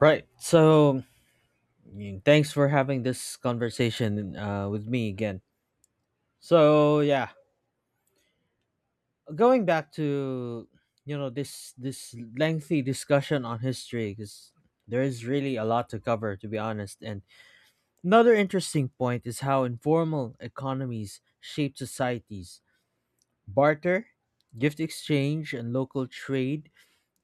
Right. So, thanks for having this conversation with me again. So, yeah, going back to this lengthy discussion on history because there is really a lot to cover to be honest. And another interesting point is how informal economies shape societies. Barter, gift exchange, and local trade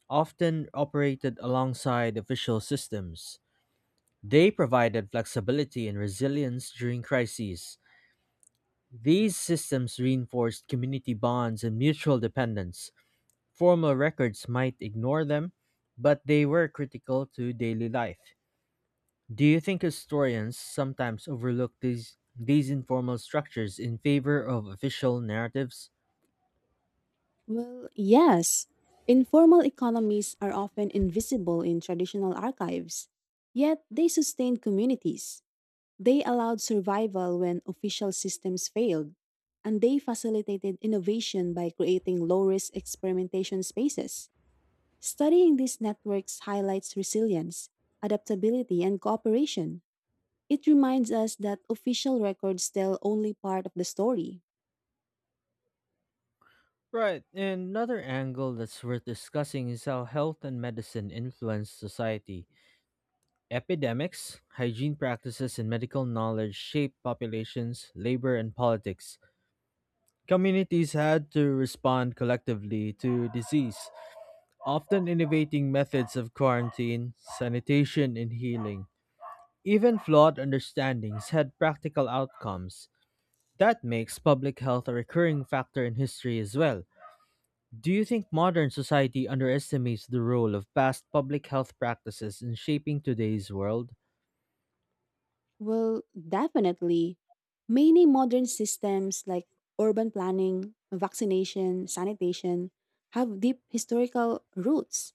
often operated alongside official systems. They provided flexibility and resilience during crises. These systems reinforced community bonds and mutual dependence. Formal records might ignore them, but they were critical to daily life. Do you think historians sometimes overlook these informal structures in favor of official narratives? Well, yes. Informal economies are often invisible in traditional archives, yet they sustained communities. They allowed survival when official systems failed, and they facilitated innovation by creating low risk experimentation spaces. Studying these networks highlights resilience, adaptability, and cooperation. It reminds us that official records tell only part of the story. Right, and another angle that's worth discussing is how health and medicine influence society. Epidemics, hygiene practices, and medical knowledge shape populations, labor, and politics. Communities had to respond collectively to disease, often innovating methods of quarantine, sanitation, and healing. Even flawed understandings had practical outcomes. That makes public health a recurring factor in history as well. Do you think modern society underestimates the role of past public health practices in shaping today's world? Well, definitely. Many modern systems like urban planning, vaccination, sanitation have deep historical roots.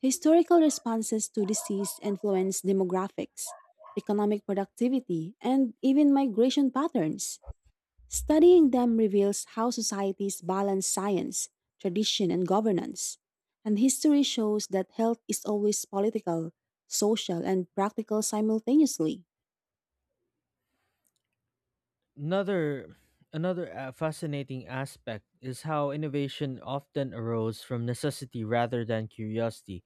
Historical responses to disease influence demographics, economic productivity, and even migration patterns. Studying them reveals how societies balance science, tradition, and governance. And history shows that health is always political, social, and practical simultaneously. Another another fascinating aspect is how innovation often arose from necessity rather than curiosity.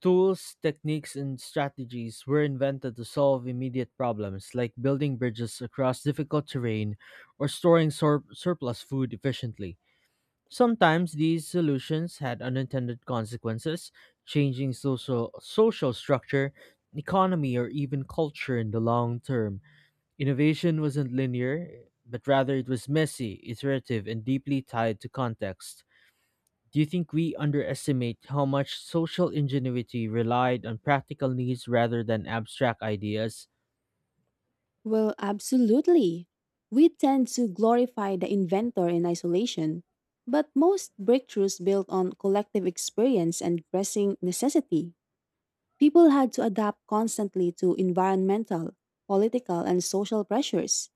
Tools, techniques, and strategies were invented to solve immediate problems like building bridges across difficult terrain or storing surplus food efficiently. Sometimes these solutions had unintended consequences, changing social structure, economy, or even culture in the long term. Innovation wasn't linear, but rather it was messy, iterative, and deeply tied to context. Do you think we underestimate how much social ingenuity relied on practical needs rather than abstract ideas? Well, absolutely. We tend to glorify the inventor in isolation, but most breakthroughs built on collective experience and pressing necessity. People had to adapt constantly to environmental, political, and social pressures,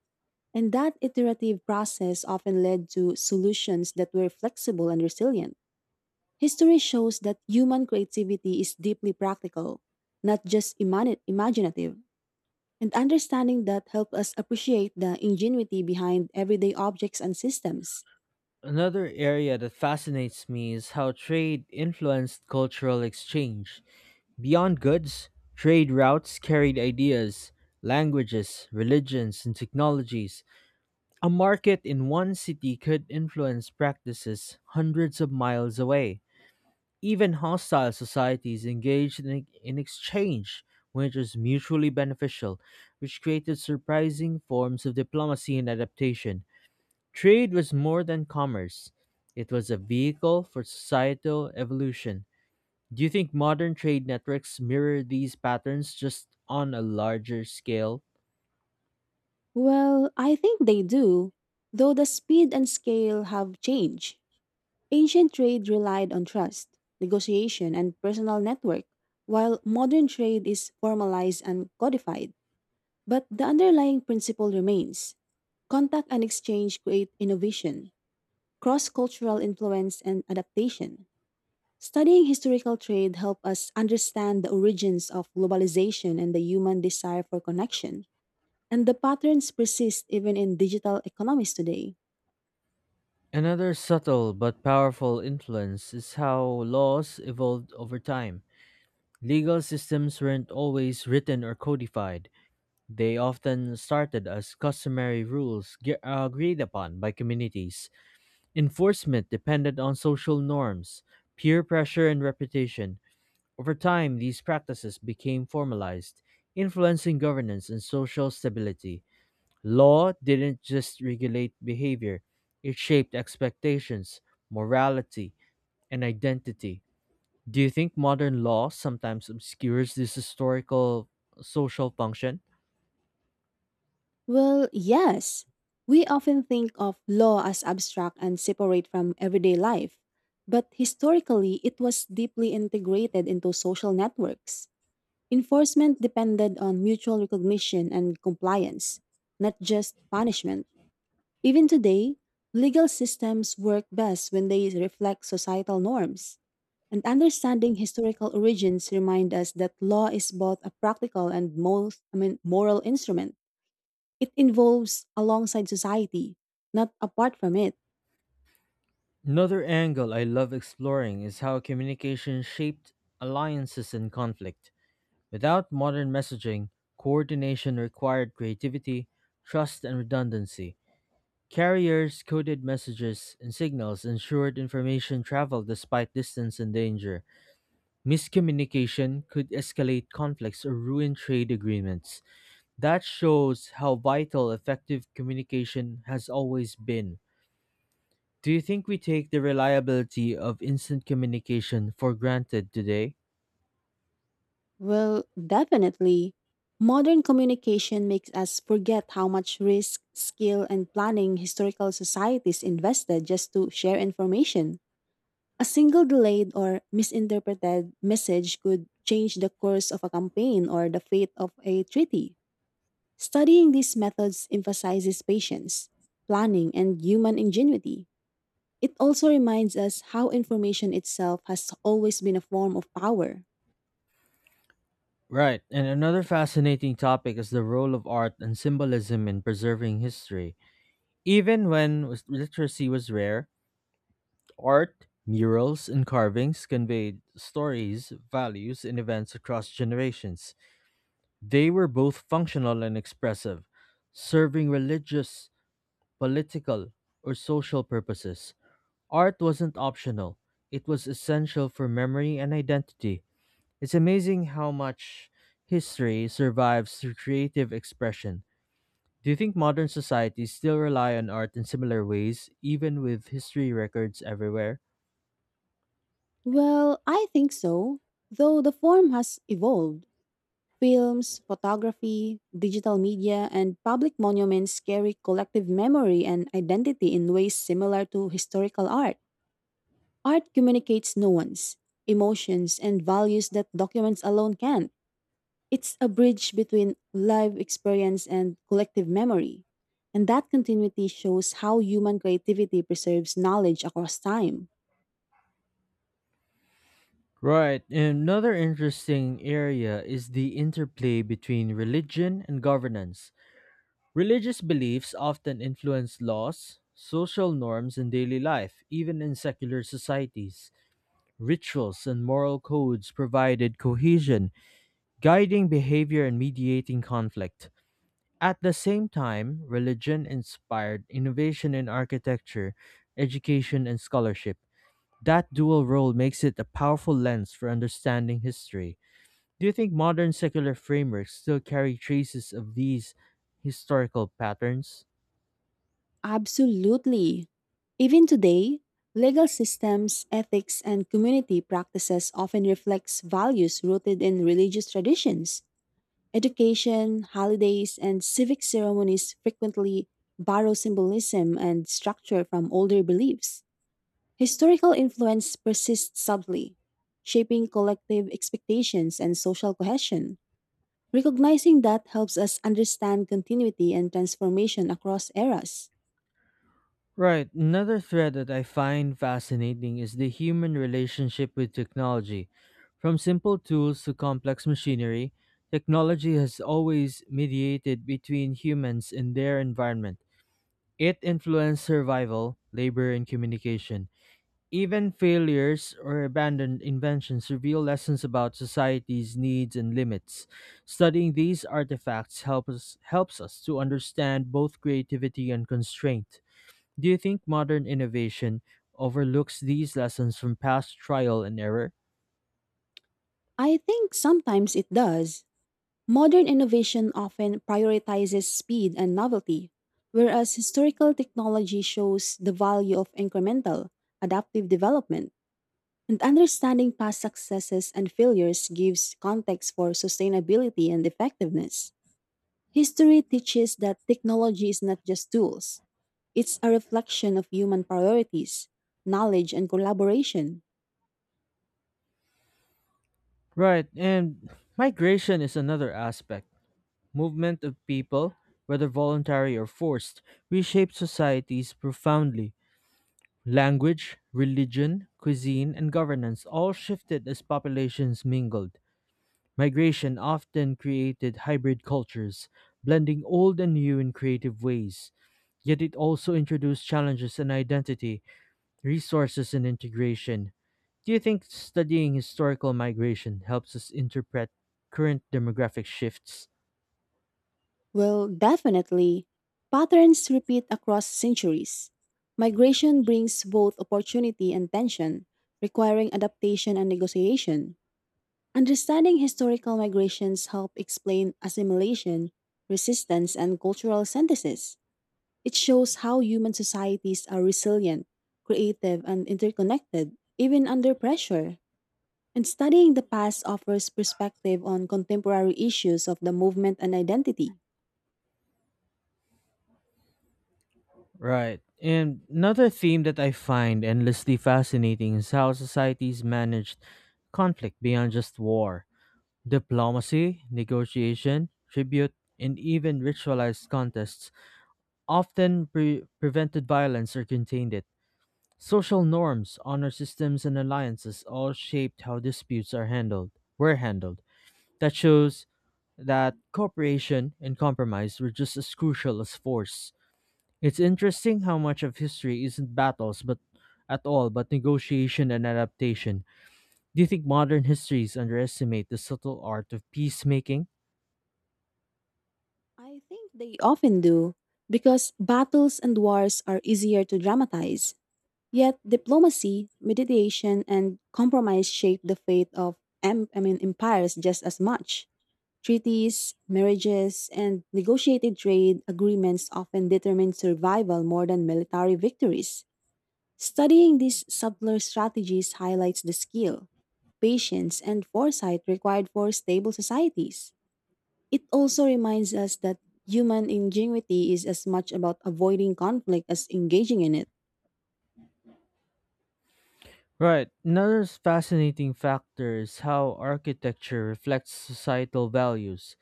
and that iterative process often led to solutions that were flexible and resilient. History shows that human creativity is deeply practical, not just imaginative. And understanding that help us appreciate the ingenuity behind everyday objects and systems. Another area that fascinates me is how trade influenced cultural exchange. Beyond goods, trade routes carried ideas, languages, religions, and technologies. A market in one city could influence practices hundreds of miles away. Even hostile societies engaged in exchange, which was mutually beneficial, which created surprising forms of diplomacy and adaptation. Trade was more than commerce, it was a vehicle for societal evolution. Do you think modern trade networks mirror these patterns just on a larger scale? Well, I think they do, though the speed and scale have changed. Ancient trade relied on trust, negotiation, and personal network, while modern trade is formalized and codified. But the underlying principle remains. Contact and exchange create innovation, cross cultural influence, and adaptation. Studying historical trade helped us understand the origins of globalization and the human desire for connection. And the patterns persist even in digital economies today. Another subtle but powerful influence is how laws evolved over time. Legal systems weren't always written or codified. They often started as customary rules agreed upon by communities. Enforcement depended on social norms, peer pressure, and reputation. Over time, these practices became formalized, influencing governance and social stability. Law didn't just regulate behavior, it shaped expectations, morality, and identity. Do you think modern law sometimes obscures this historical social function? Well, yes, we often think of law as abstract and separate from everyday life, but historically it was deeply integrated into social networks. Enforcement depended on mutual recognition and compliance, not just punishment. Even today, legal systems work best when they reflect societal norms. And understanding historical origins remind us that law is both a practical and moral instrument. It involves alongside society, not apart from it. Another angle I love exploring is how communication shaped alliances and conflict. Without modern messaging, coordination required creativity, trust, and redundancy. Carriers coded messages and signals ensured information traveled despite distance and danger. Miscommunication could escalate conflicts or ruin trade agreements. That shows how vital effective communication has always been. Do you think we take the reliability of instant communication for granted today? Well, definitely, modern communication makes us forget how much risk, skill, and planning historical societies invested just to share information. A single delayed or misinterpreted message could change the course of a campaign or the fate of a treaty. Studying these methods emphasizes patience, planning, and human ingenuity. It also reminds us how information itself has always been a form of power. Right, and another fascinating topic is the role of art and symbolism in preserving history. Even literacy was rare, art, murals, and carvings conveyed stories, values, and events across generations. They were both functional and expressive, serving religious, political, or social purposes. Art wasn't optional, it was essential for memory and identity. It's amazing how much history survives through creative expression. Do you think modern societies still rely on art in similar ways, even with history records everywhere? Well, I think so, though the form has evolved. Films, photography, digital media, and public monuments carry collective memory and identity in ways similar to historical art. Art communicates nuance, emotions, and values that documents alone can't. It's a bridge between live experience and collective memory. And that continuity shows how human creativity preserves knowledge across time. Right, another interesting area is the interplay between religion and governance. Religious beliefs often influence laws, social norms, and daily life, even in secular societies. Rituals and moral codes provided cohesion, guiding behavior and mediating conflict. At the same time, religion inspired innovation in architecture, education, and scholarship. That dual role makes it a powerful lens for understanding history. Do you think modern secular frameworks still carry traces of these historical patterns? Absolutely. Even today, legal systems, ethics, and community practices often reflects values rooted in religious traditions. Education, holidays, and civic ceremonies frequently borrow symbolism and structure from older beliefs. Historical influence persists subtly, shaping collective expectations and social cohesion. Recognizing that helps us understand continuity and transformation across eras. Right. Another thread that I find fascinating is the human relationship with technology. From simple tools to complex machinery, technology has always mediated between humans and their environment. It influenced survival, labor, and communication. Even failures or abandoned inventions reveal lessons about society's needs and limits. Studying these artifacts helps us to understand both creativity and constraint. Do you think modern innovation overlooks these lessons from past trial and error? I think sometimes it does. Modern innovation often prioritizes speed and novelty, whereas historical technology shows the value of incremental, adaptive development. And understanding past successes and failures gives context for sustainability and effectiveness. History teaches that technology is not just tools, it's a reflection of human priorities, knowledge, and collaboration. Right, and migration is another aspect. Movement of people, whether voluntary or forced, reshapes societies profoundly. Language, religion, cuisine, and governance all shifted as populations mingled. Migration often created hybrid cultures, blending old and new in creative ways. Yet it also introduced challenges in identity, resources and integration. Do you think studying historical migration helps us interpret current demographic shifts? Well, definitely. Patterns repeat across centuries. Migration brings both opportunity and tension, requiring adaptation and negotiation. Understanding historical migrations help explain assimilation, resistance, and cultural synthesis. It shows how human societies are resilient, creative, and interconnected, even under pressure. And studying the past offers perspective on contemporary issues of the movement and identity. Right. And another theme that I find endlessly fascinating is how societies managed conflict beyond just war. Diplomacy, negotiation, tribute, and even ritualized contests often prevented violence or contained it. Social norms, honor systems, and alliances all shaped how were handled. That shows that cooperation and compromise were just as crucial as force. It's interesting how much of history isn't battles but at all but negotiation and adaptation. Do you think modern histories underestimate the subtle art of peacemaking? I think they often do, because battles and wars are easier to dramatize. Yet diplomacy, mediation, and compromise shape the fate of empires just as much. Treaties, marriages, and negotiated trade agreements often determine survival more than military victories. Studying these subtler strategies highlights the skill, patience, and foresight required for stable societies. It also reminds us that human ingenuity is as much about avoiding conflict as engaging in it. Right. Another fascinating factor is how architecture reflects societal values.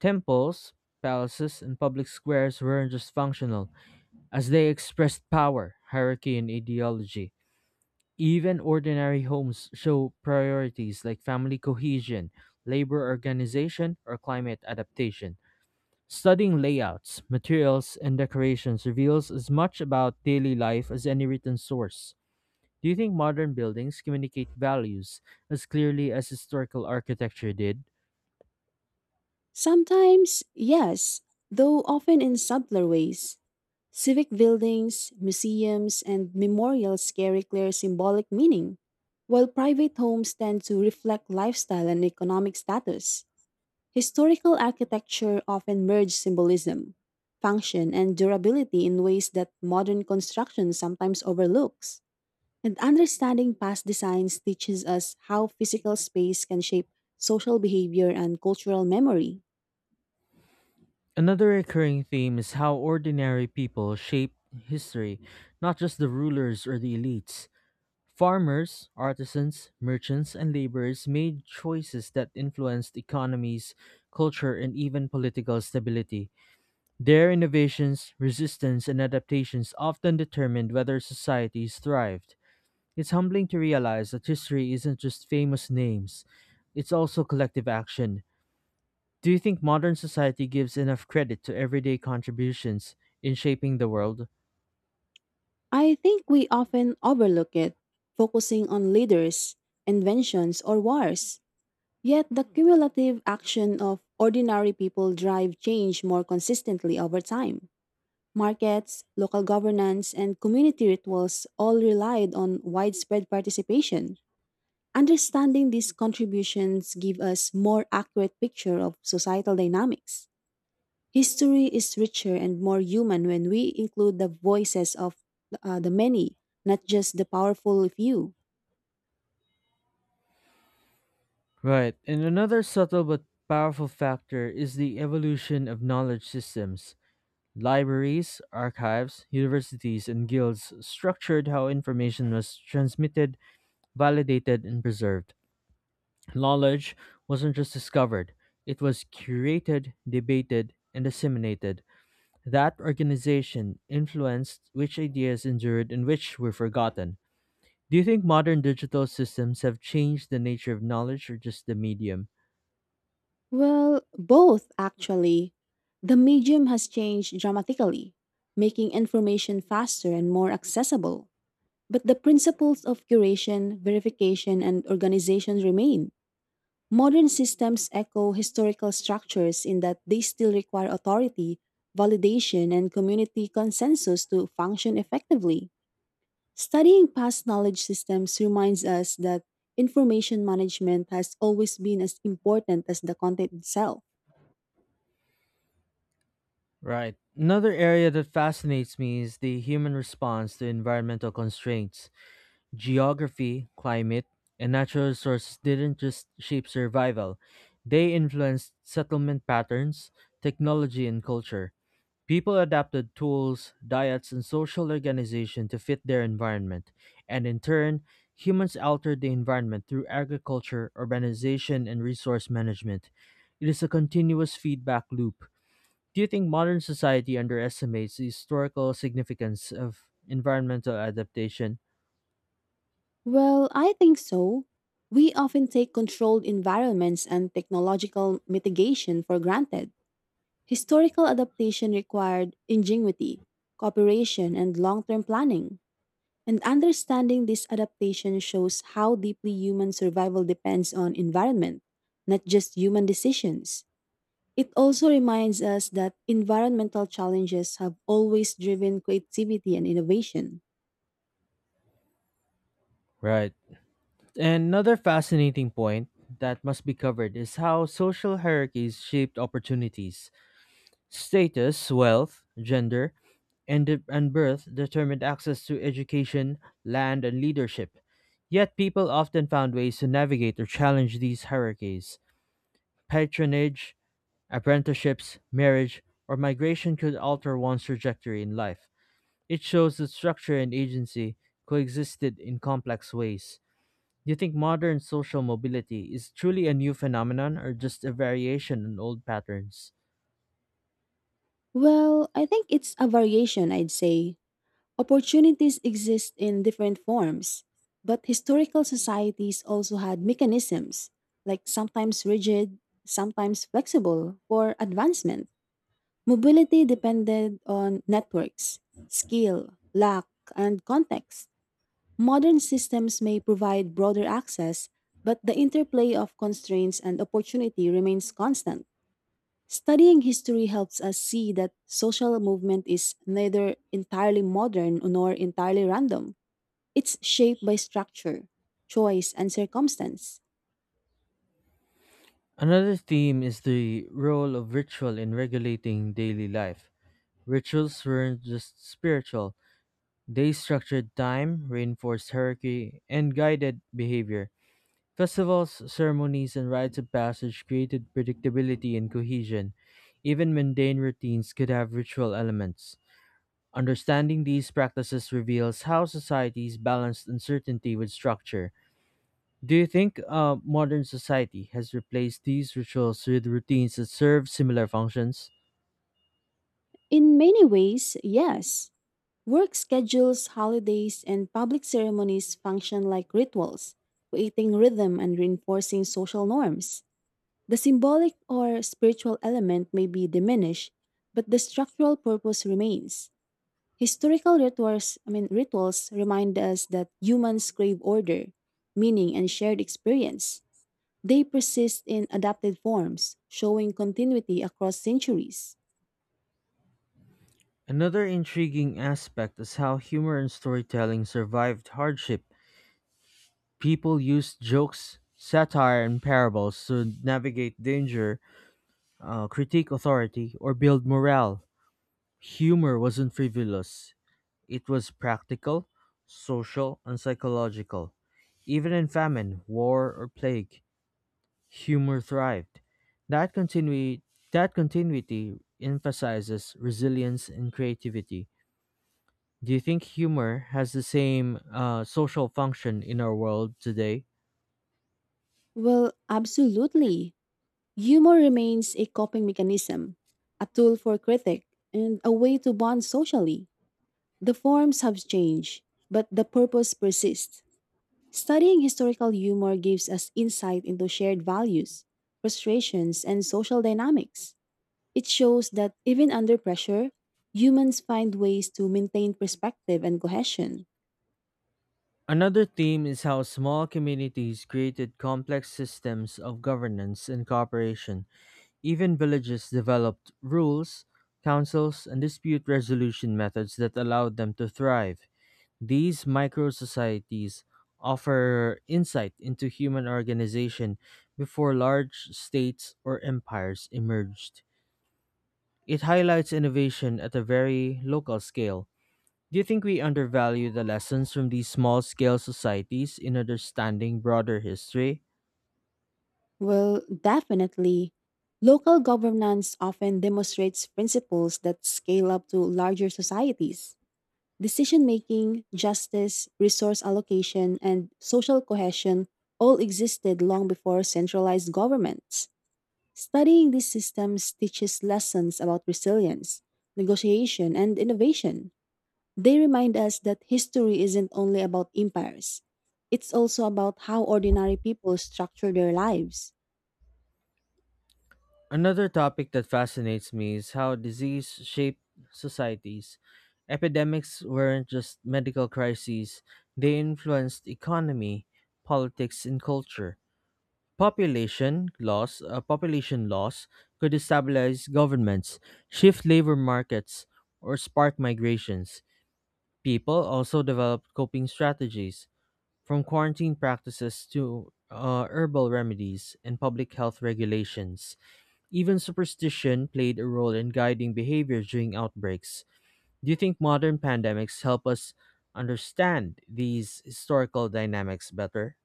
Temples, palaces, and public squares weren't just functional, as they expressed power, hierarchy, and ideology. Even ordinary homes show priorities like family cohesion, labor organization, or climate adaptation. Studying layouts, materials, and decorations reveals as much about daily life as any written source. Do you think modern buildings communicate values as clearly as historical architecture did? Sometimes, yes, though often in subtler ways. Civic buildings, museums, and memorials carry clear symbolic meaning, while private homes tend to reflect lifestyle and economic status. Historical architecture often merges symbolism, function, and durability in ways that modern construction sometimes overlooks. And understanding past designs teaches us how physical space can shape social behavior and cultural memory. Another recurring theme is how ordinary people shape history, not just the rulers or the elites. Farmers, artisans, merchants, and laborers made choices that influenced economies, culture, and even political stability. Their innovations, resistance, and adaptations often determined whether societies thrived. It's humbling to realize that history isn't just famous names, it's also collective action. Do you think modern society gives enough credit to everyday contributions in shaping the world? I think we often overlook it, focusing on leaders, inventions, or wars. Yet the cumulative action of ordinary people drive change more consistently over time. Markets, local governance, and community rituals all relied on widespread participation. Understanding these contributions give us more accurate picture of societal dynamics. History is richer and more human when we include the voices of the many, not just the powerful few. Right, and another subtle but powerful factor is the evolution of knowledge systems. Libraries, archives, universities, and guilds structured how information was transmitted, validated, and preserved. Knowledge wasn't just discovered, it was curated, debated, and disseminated. That organization influenced which ideas endured and which were forgotten. Do you think modern digital systems have changed the nature of knowledge or just the medium? Well, both actually. The medium has changed dramatically, making information faster and more accessible. But the principles of curation, verification, and organization remain. Modern systems echo historical structures in that they still require authority, validation, and community consensus to function effectively. Studying past knowledge systems reminds us that information management has always been as important as the content itself. Right. Another area that fascinates me is the human response to environmental constraints. Geography, climate, and natural resources didn't just shape survival, they influenced settlement patterns, technology, and culture. People adapted tools, diets, and social organization to fit their environment, and in turn, humans altered the environment through agriculture, urbanization, and resource management. It is a continuous feedback loop. Do you think modern society underestimates the historical significance of environmental adaptation? Well, I think so. We often take controlled environments and technological mitigation for granted. Historical adaptation required ingenuity, cooperation, and long term planning. And understanding this adaptation shows how deeply human survival depends on environment, not just human decisions. It also reminds us that environmental challenges have always driven creativity and innovation. Right. Another fascinating point that must be covered is how social hierarchies shaped opportunities. Status, wealth, gender, and birth determined access to education, land, and leadership. Yet people often found ways to navigate or challenge these hierarchies. Patronage, apprenticeships, marriage, or migration could alter one's trajectory in life. It shows that structure and agency coexisted in complex ways. Do you think modern social mobility is truly a new phenomenon or just a variation on old patterns? Well, I think it's a variation, I'd say. Opportunities exist in different forms, but historical societies also had mechanisms, like sometimes rigid, sometimes flexible, for advancement. Mobility depended on networks, skill, luck, and context. Modern systems may provide broader access, but the interplay of constraints and opportunity remains constant. Studying history helps us see that social movement is neither entirely modern nor entirely random. It's shaped by structure, choice, and circumstance. Another theme is the role of ritual in regulating daily life. Rituals weren't just spiritual, they structured time, reinforced hierarchy, and guided behavior. Festivals, ceremonies, and rites of passage created predictability and cohesion. Even mundane routines could have ritual elements. Understanding these practices reveals how societies balance uncertainty with structure. Do you think modern society has replaced these rituals with routines that serve similar functions? In many ways, yes. Work schedules, holidays, and public ceremonies function like rituals, creating rhythm and reinforcing social norms. The symbolic or spiritual element may be diminished, but the structural purpose remains. Historical rituals, I mean rituals remind us that humans crave order, meaning, and shared experience. They persist in adapted forms, showing continuity across centuries. Another intriguing aspect is how humor and storytelling survived hardship. People used jokes, satire, and parables to navigate danger, critique authority, or build morale. Humor wasn't frivolous, it was practical, social, and psychological. Even in famine, war, or plague, humor thrived. That, continui- that continuity emphasizes resilience and creativity. Do you think humor has the same social function in our world today? Well, absolutely. Humor remains a coping mechanism, a tool for critique, and a way to bond socially. The forms have changed, but the purpose persists. Studying historical humor gives us insight into shared values, frustrations, and social dynamics. It shows that even under pressure, humans find ways to maintain perspective and cohesion. Another theme is how small communities created complex systems of governance and cooperation. Even villages developed rules, councils, and dispute resolution methods that allowed them to thrive. These micro societies offer insight into human organization before large states or empires emerged. It highlights innovation at a very local scale. Do you think we undervalue the lessons from these small scale societies in understanding broader history? Well, definitely, local governance often demonstrates principles that scale up to larger societies. Decision making, justice, resource allocation, and social cohesion all existed long before centralized governments. Studying these systems teaches lessons about resilience, negotiation, and innovation. They remind us that history isn't only about empires, it's also about how ordinary people structure their lives. Another topic that fascinates me is how disease shaped societies. Epidemics weren't just medical crises, they influenced economy, politics, and culture. Population loss could destabilize governments, shift labor markets, or spark migrations. People also developed coping strategies, from quarantine practices to herbal remedies and public health regulations. Even superstition played a role in guiding behavior during outbreaks. Do you think modern pandemics help us understand these historical dynamics better?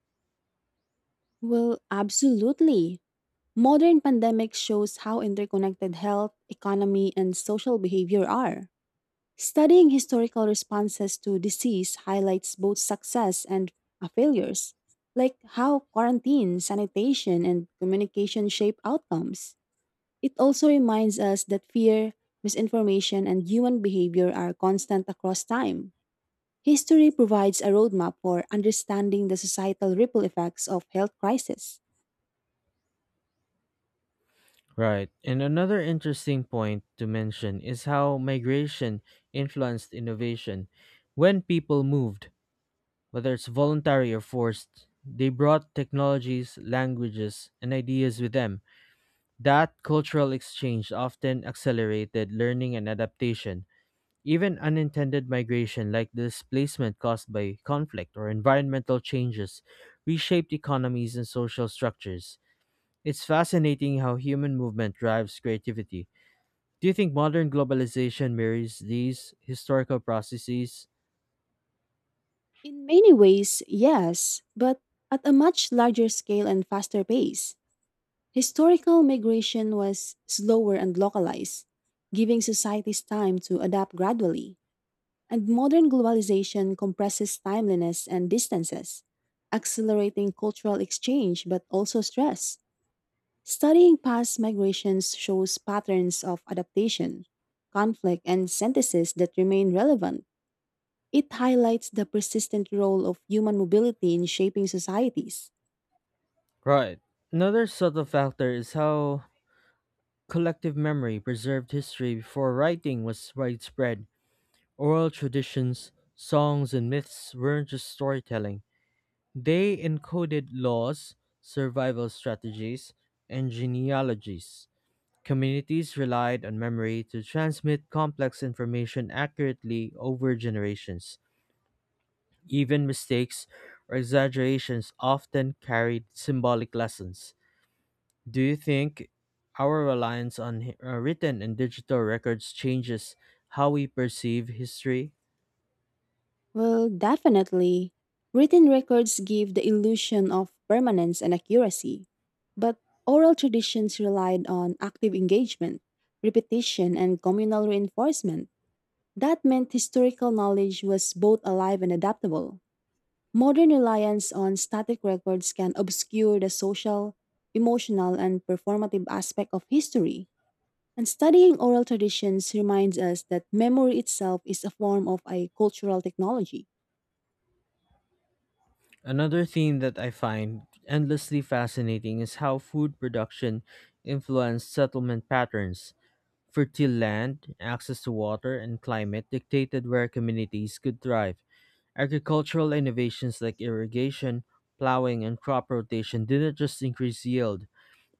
Well, absolutely. Modern pandemics shows how interconnected health, economy, and social behavior are. Studying historical responses to disease highlights both success and failures, like how quarantine, sanitation, and communication shape outcomes. It also reminds us that fear, misinformation, and human behavior are constant across time. History provides a roadmap for understanding the societal ripple effects of health crisis. Right. And another interesting point to mention is how migration influenced innovation. When people moved, whether it's voluntary or forced, they brought technologies, languages, and ideas with them. That cultural exchange often accelerated learning and adaptation. Even unintended migration, like displacement caused by conflict or environmental changes, reshaped economies and social structures. It's fascinating how human movement drives creativity. Do you think modern globalization mirrors these historical processes? In many ways, yes, but at a much larger scale and faster pace. Historical migration was slower and localized, giving societies time to adapt gradually, and modern globalization compresses timeliness and distances, accelerating cultural exchange but also stress. Studying past migrations shows patterns of adaptation, conflict, and synthesis that remain relevant. It highlights the persistent role of human mobility in shaping societies. Right. Another subtle factor is how collective memory preserved history before writing was widespread. Oral traditions, songs, and myths weren't just storytelling. They encoded laws, survival strategies, and genealogies. Communities relied on memory to transmit complex information accurately over generations. Even mistakes or exaggerations often carried symbolic lessons. Do you think our reliance on written and digital records changes how we perceive history? Well, definitely. Written records give the illusion of permanence and accuracy, but oral traditions relied on active engagement, repetition, and communal reinforcement. That meant historical knowledge was both alive and adaptable. Modern reliance on static records can obscure the social, emotional, and performative aspect of history. And studying oral traditions reminds us that memory itself is a form of a cultural technology. Another theme that I find endlessly fascinating is how food production influenced settlement patterns. Fertile land, access to water, and climate dictated where communities could thrive. Agricultural innovations like irrigation, plowing, and crop rotation didn't just increase yield,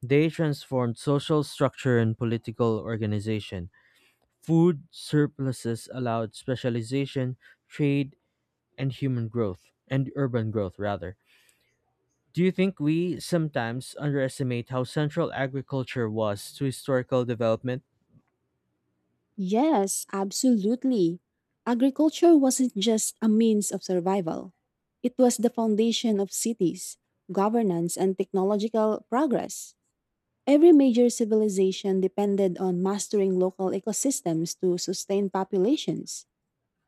they transformed social structure and political organization. Food surpluses allowed specialization, trade, and urban growth rather. Do you think we sometimes underestimate how central agriculture was to historical development? Yes, absolutely. Agriculture wasn't just a means of survival, it was the foundation of cities, governance, and technological progress. Every major civilization depended on mastering local ecosystems to sustain populations.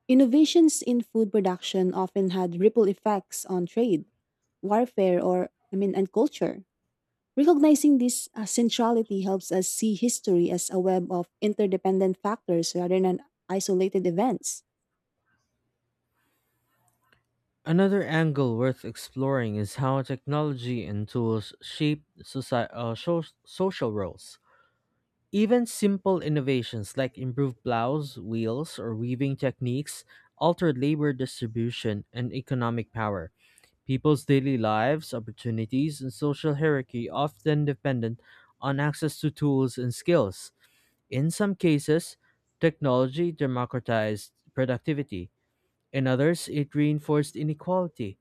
Innovations in food production often had ripple effects on trade, warfare, and culture. Recognizing this centrality helps us see history as a web of interdependent factors rather than isolated events. Another angle worth exploring is how technology and tools shape social roles. Even simple innovations like improved plows, wheels, or weaving techniques altered labor distribution and economic power. People's daily lives, opportunities, and social hierarchy often dependent on access to tools and skills. In some cases, technology democratized productivity. In others, it reinforced inequality.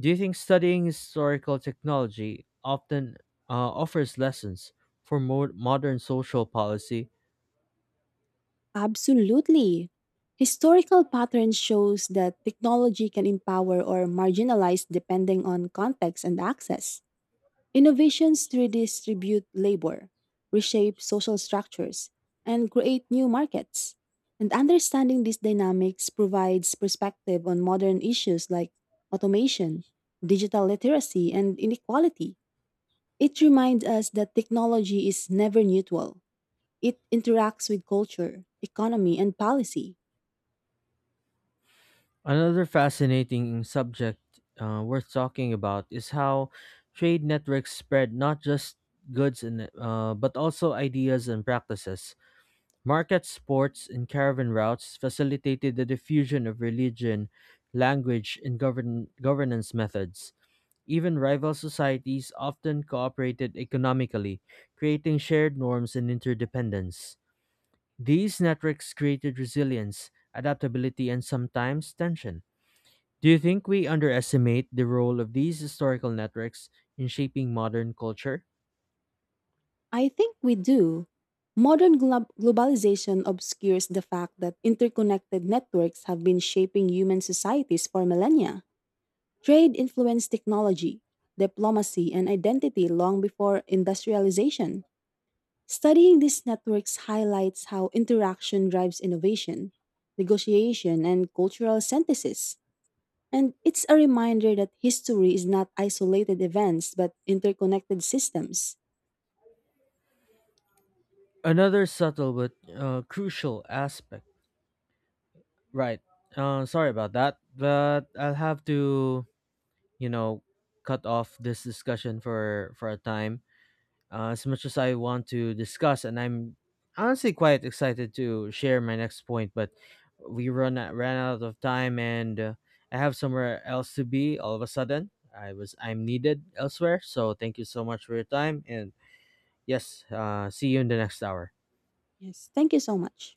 Do you think studying historical technology often offers lessons for modern social policy? Absolutely. Historical patterns shows that technology can empower or marginalize depending on context and access. Innovations redistribute labor, reshape social structures, and create new markets. And understanding these dynamics provides perspective on modern issues like automation, digital literacy, and inequality. It reminds us that technology is never neutral. It interacts with culture, economy, and policy. Another fascinating subject worth talking about is how trade networks spread not just goods and but also ideas and practices. Market sports and caravan routes facilitated the diffusion of religion, language, and governance methods. Even rival societies often cooperated economically, creating shared norms and interdependence. These networks created resilience, adaptability, and sometimes tension. Do you think we underestimate the role of these historical networks in shaping modern culture? I think we do. Modern globalization obscures the fact that interconnected networks have been shaping human societies for millennia. Trade influenced technology, diplomacy, and identity long before industrialization. Studying these networks highlights how interaction drives innovation, negotiation, and cultural synthesis. And it's a reminder that history is not isolated events but interconnected systems. Another subtle but crucial aspect Right. Sorry about that, but I'll have to, you know, cut off this discussion for a time. As much as I want to discuss, and I'm honestly quite excited to share my next point, but we ran out of time, and I have somewhere else to be. All of a sudden, I'm needed elsewhere. So thank you so much for your time, and yes, see you in the next hour. Yes, thank you so much.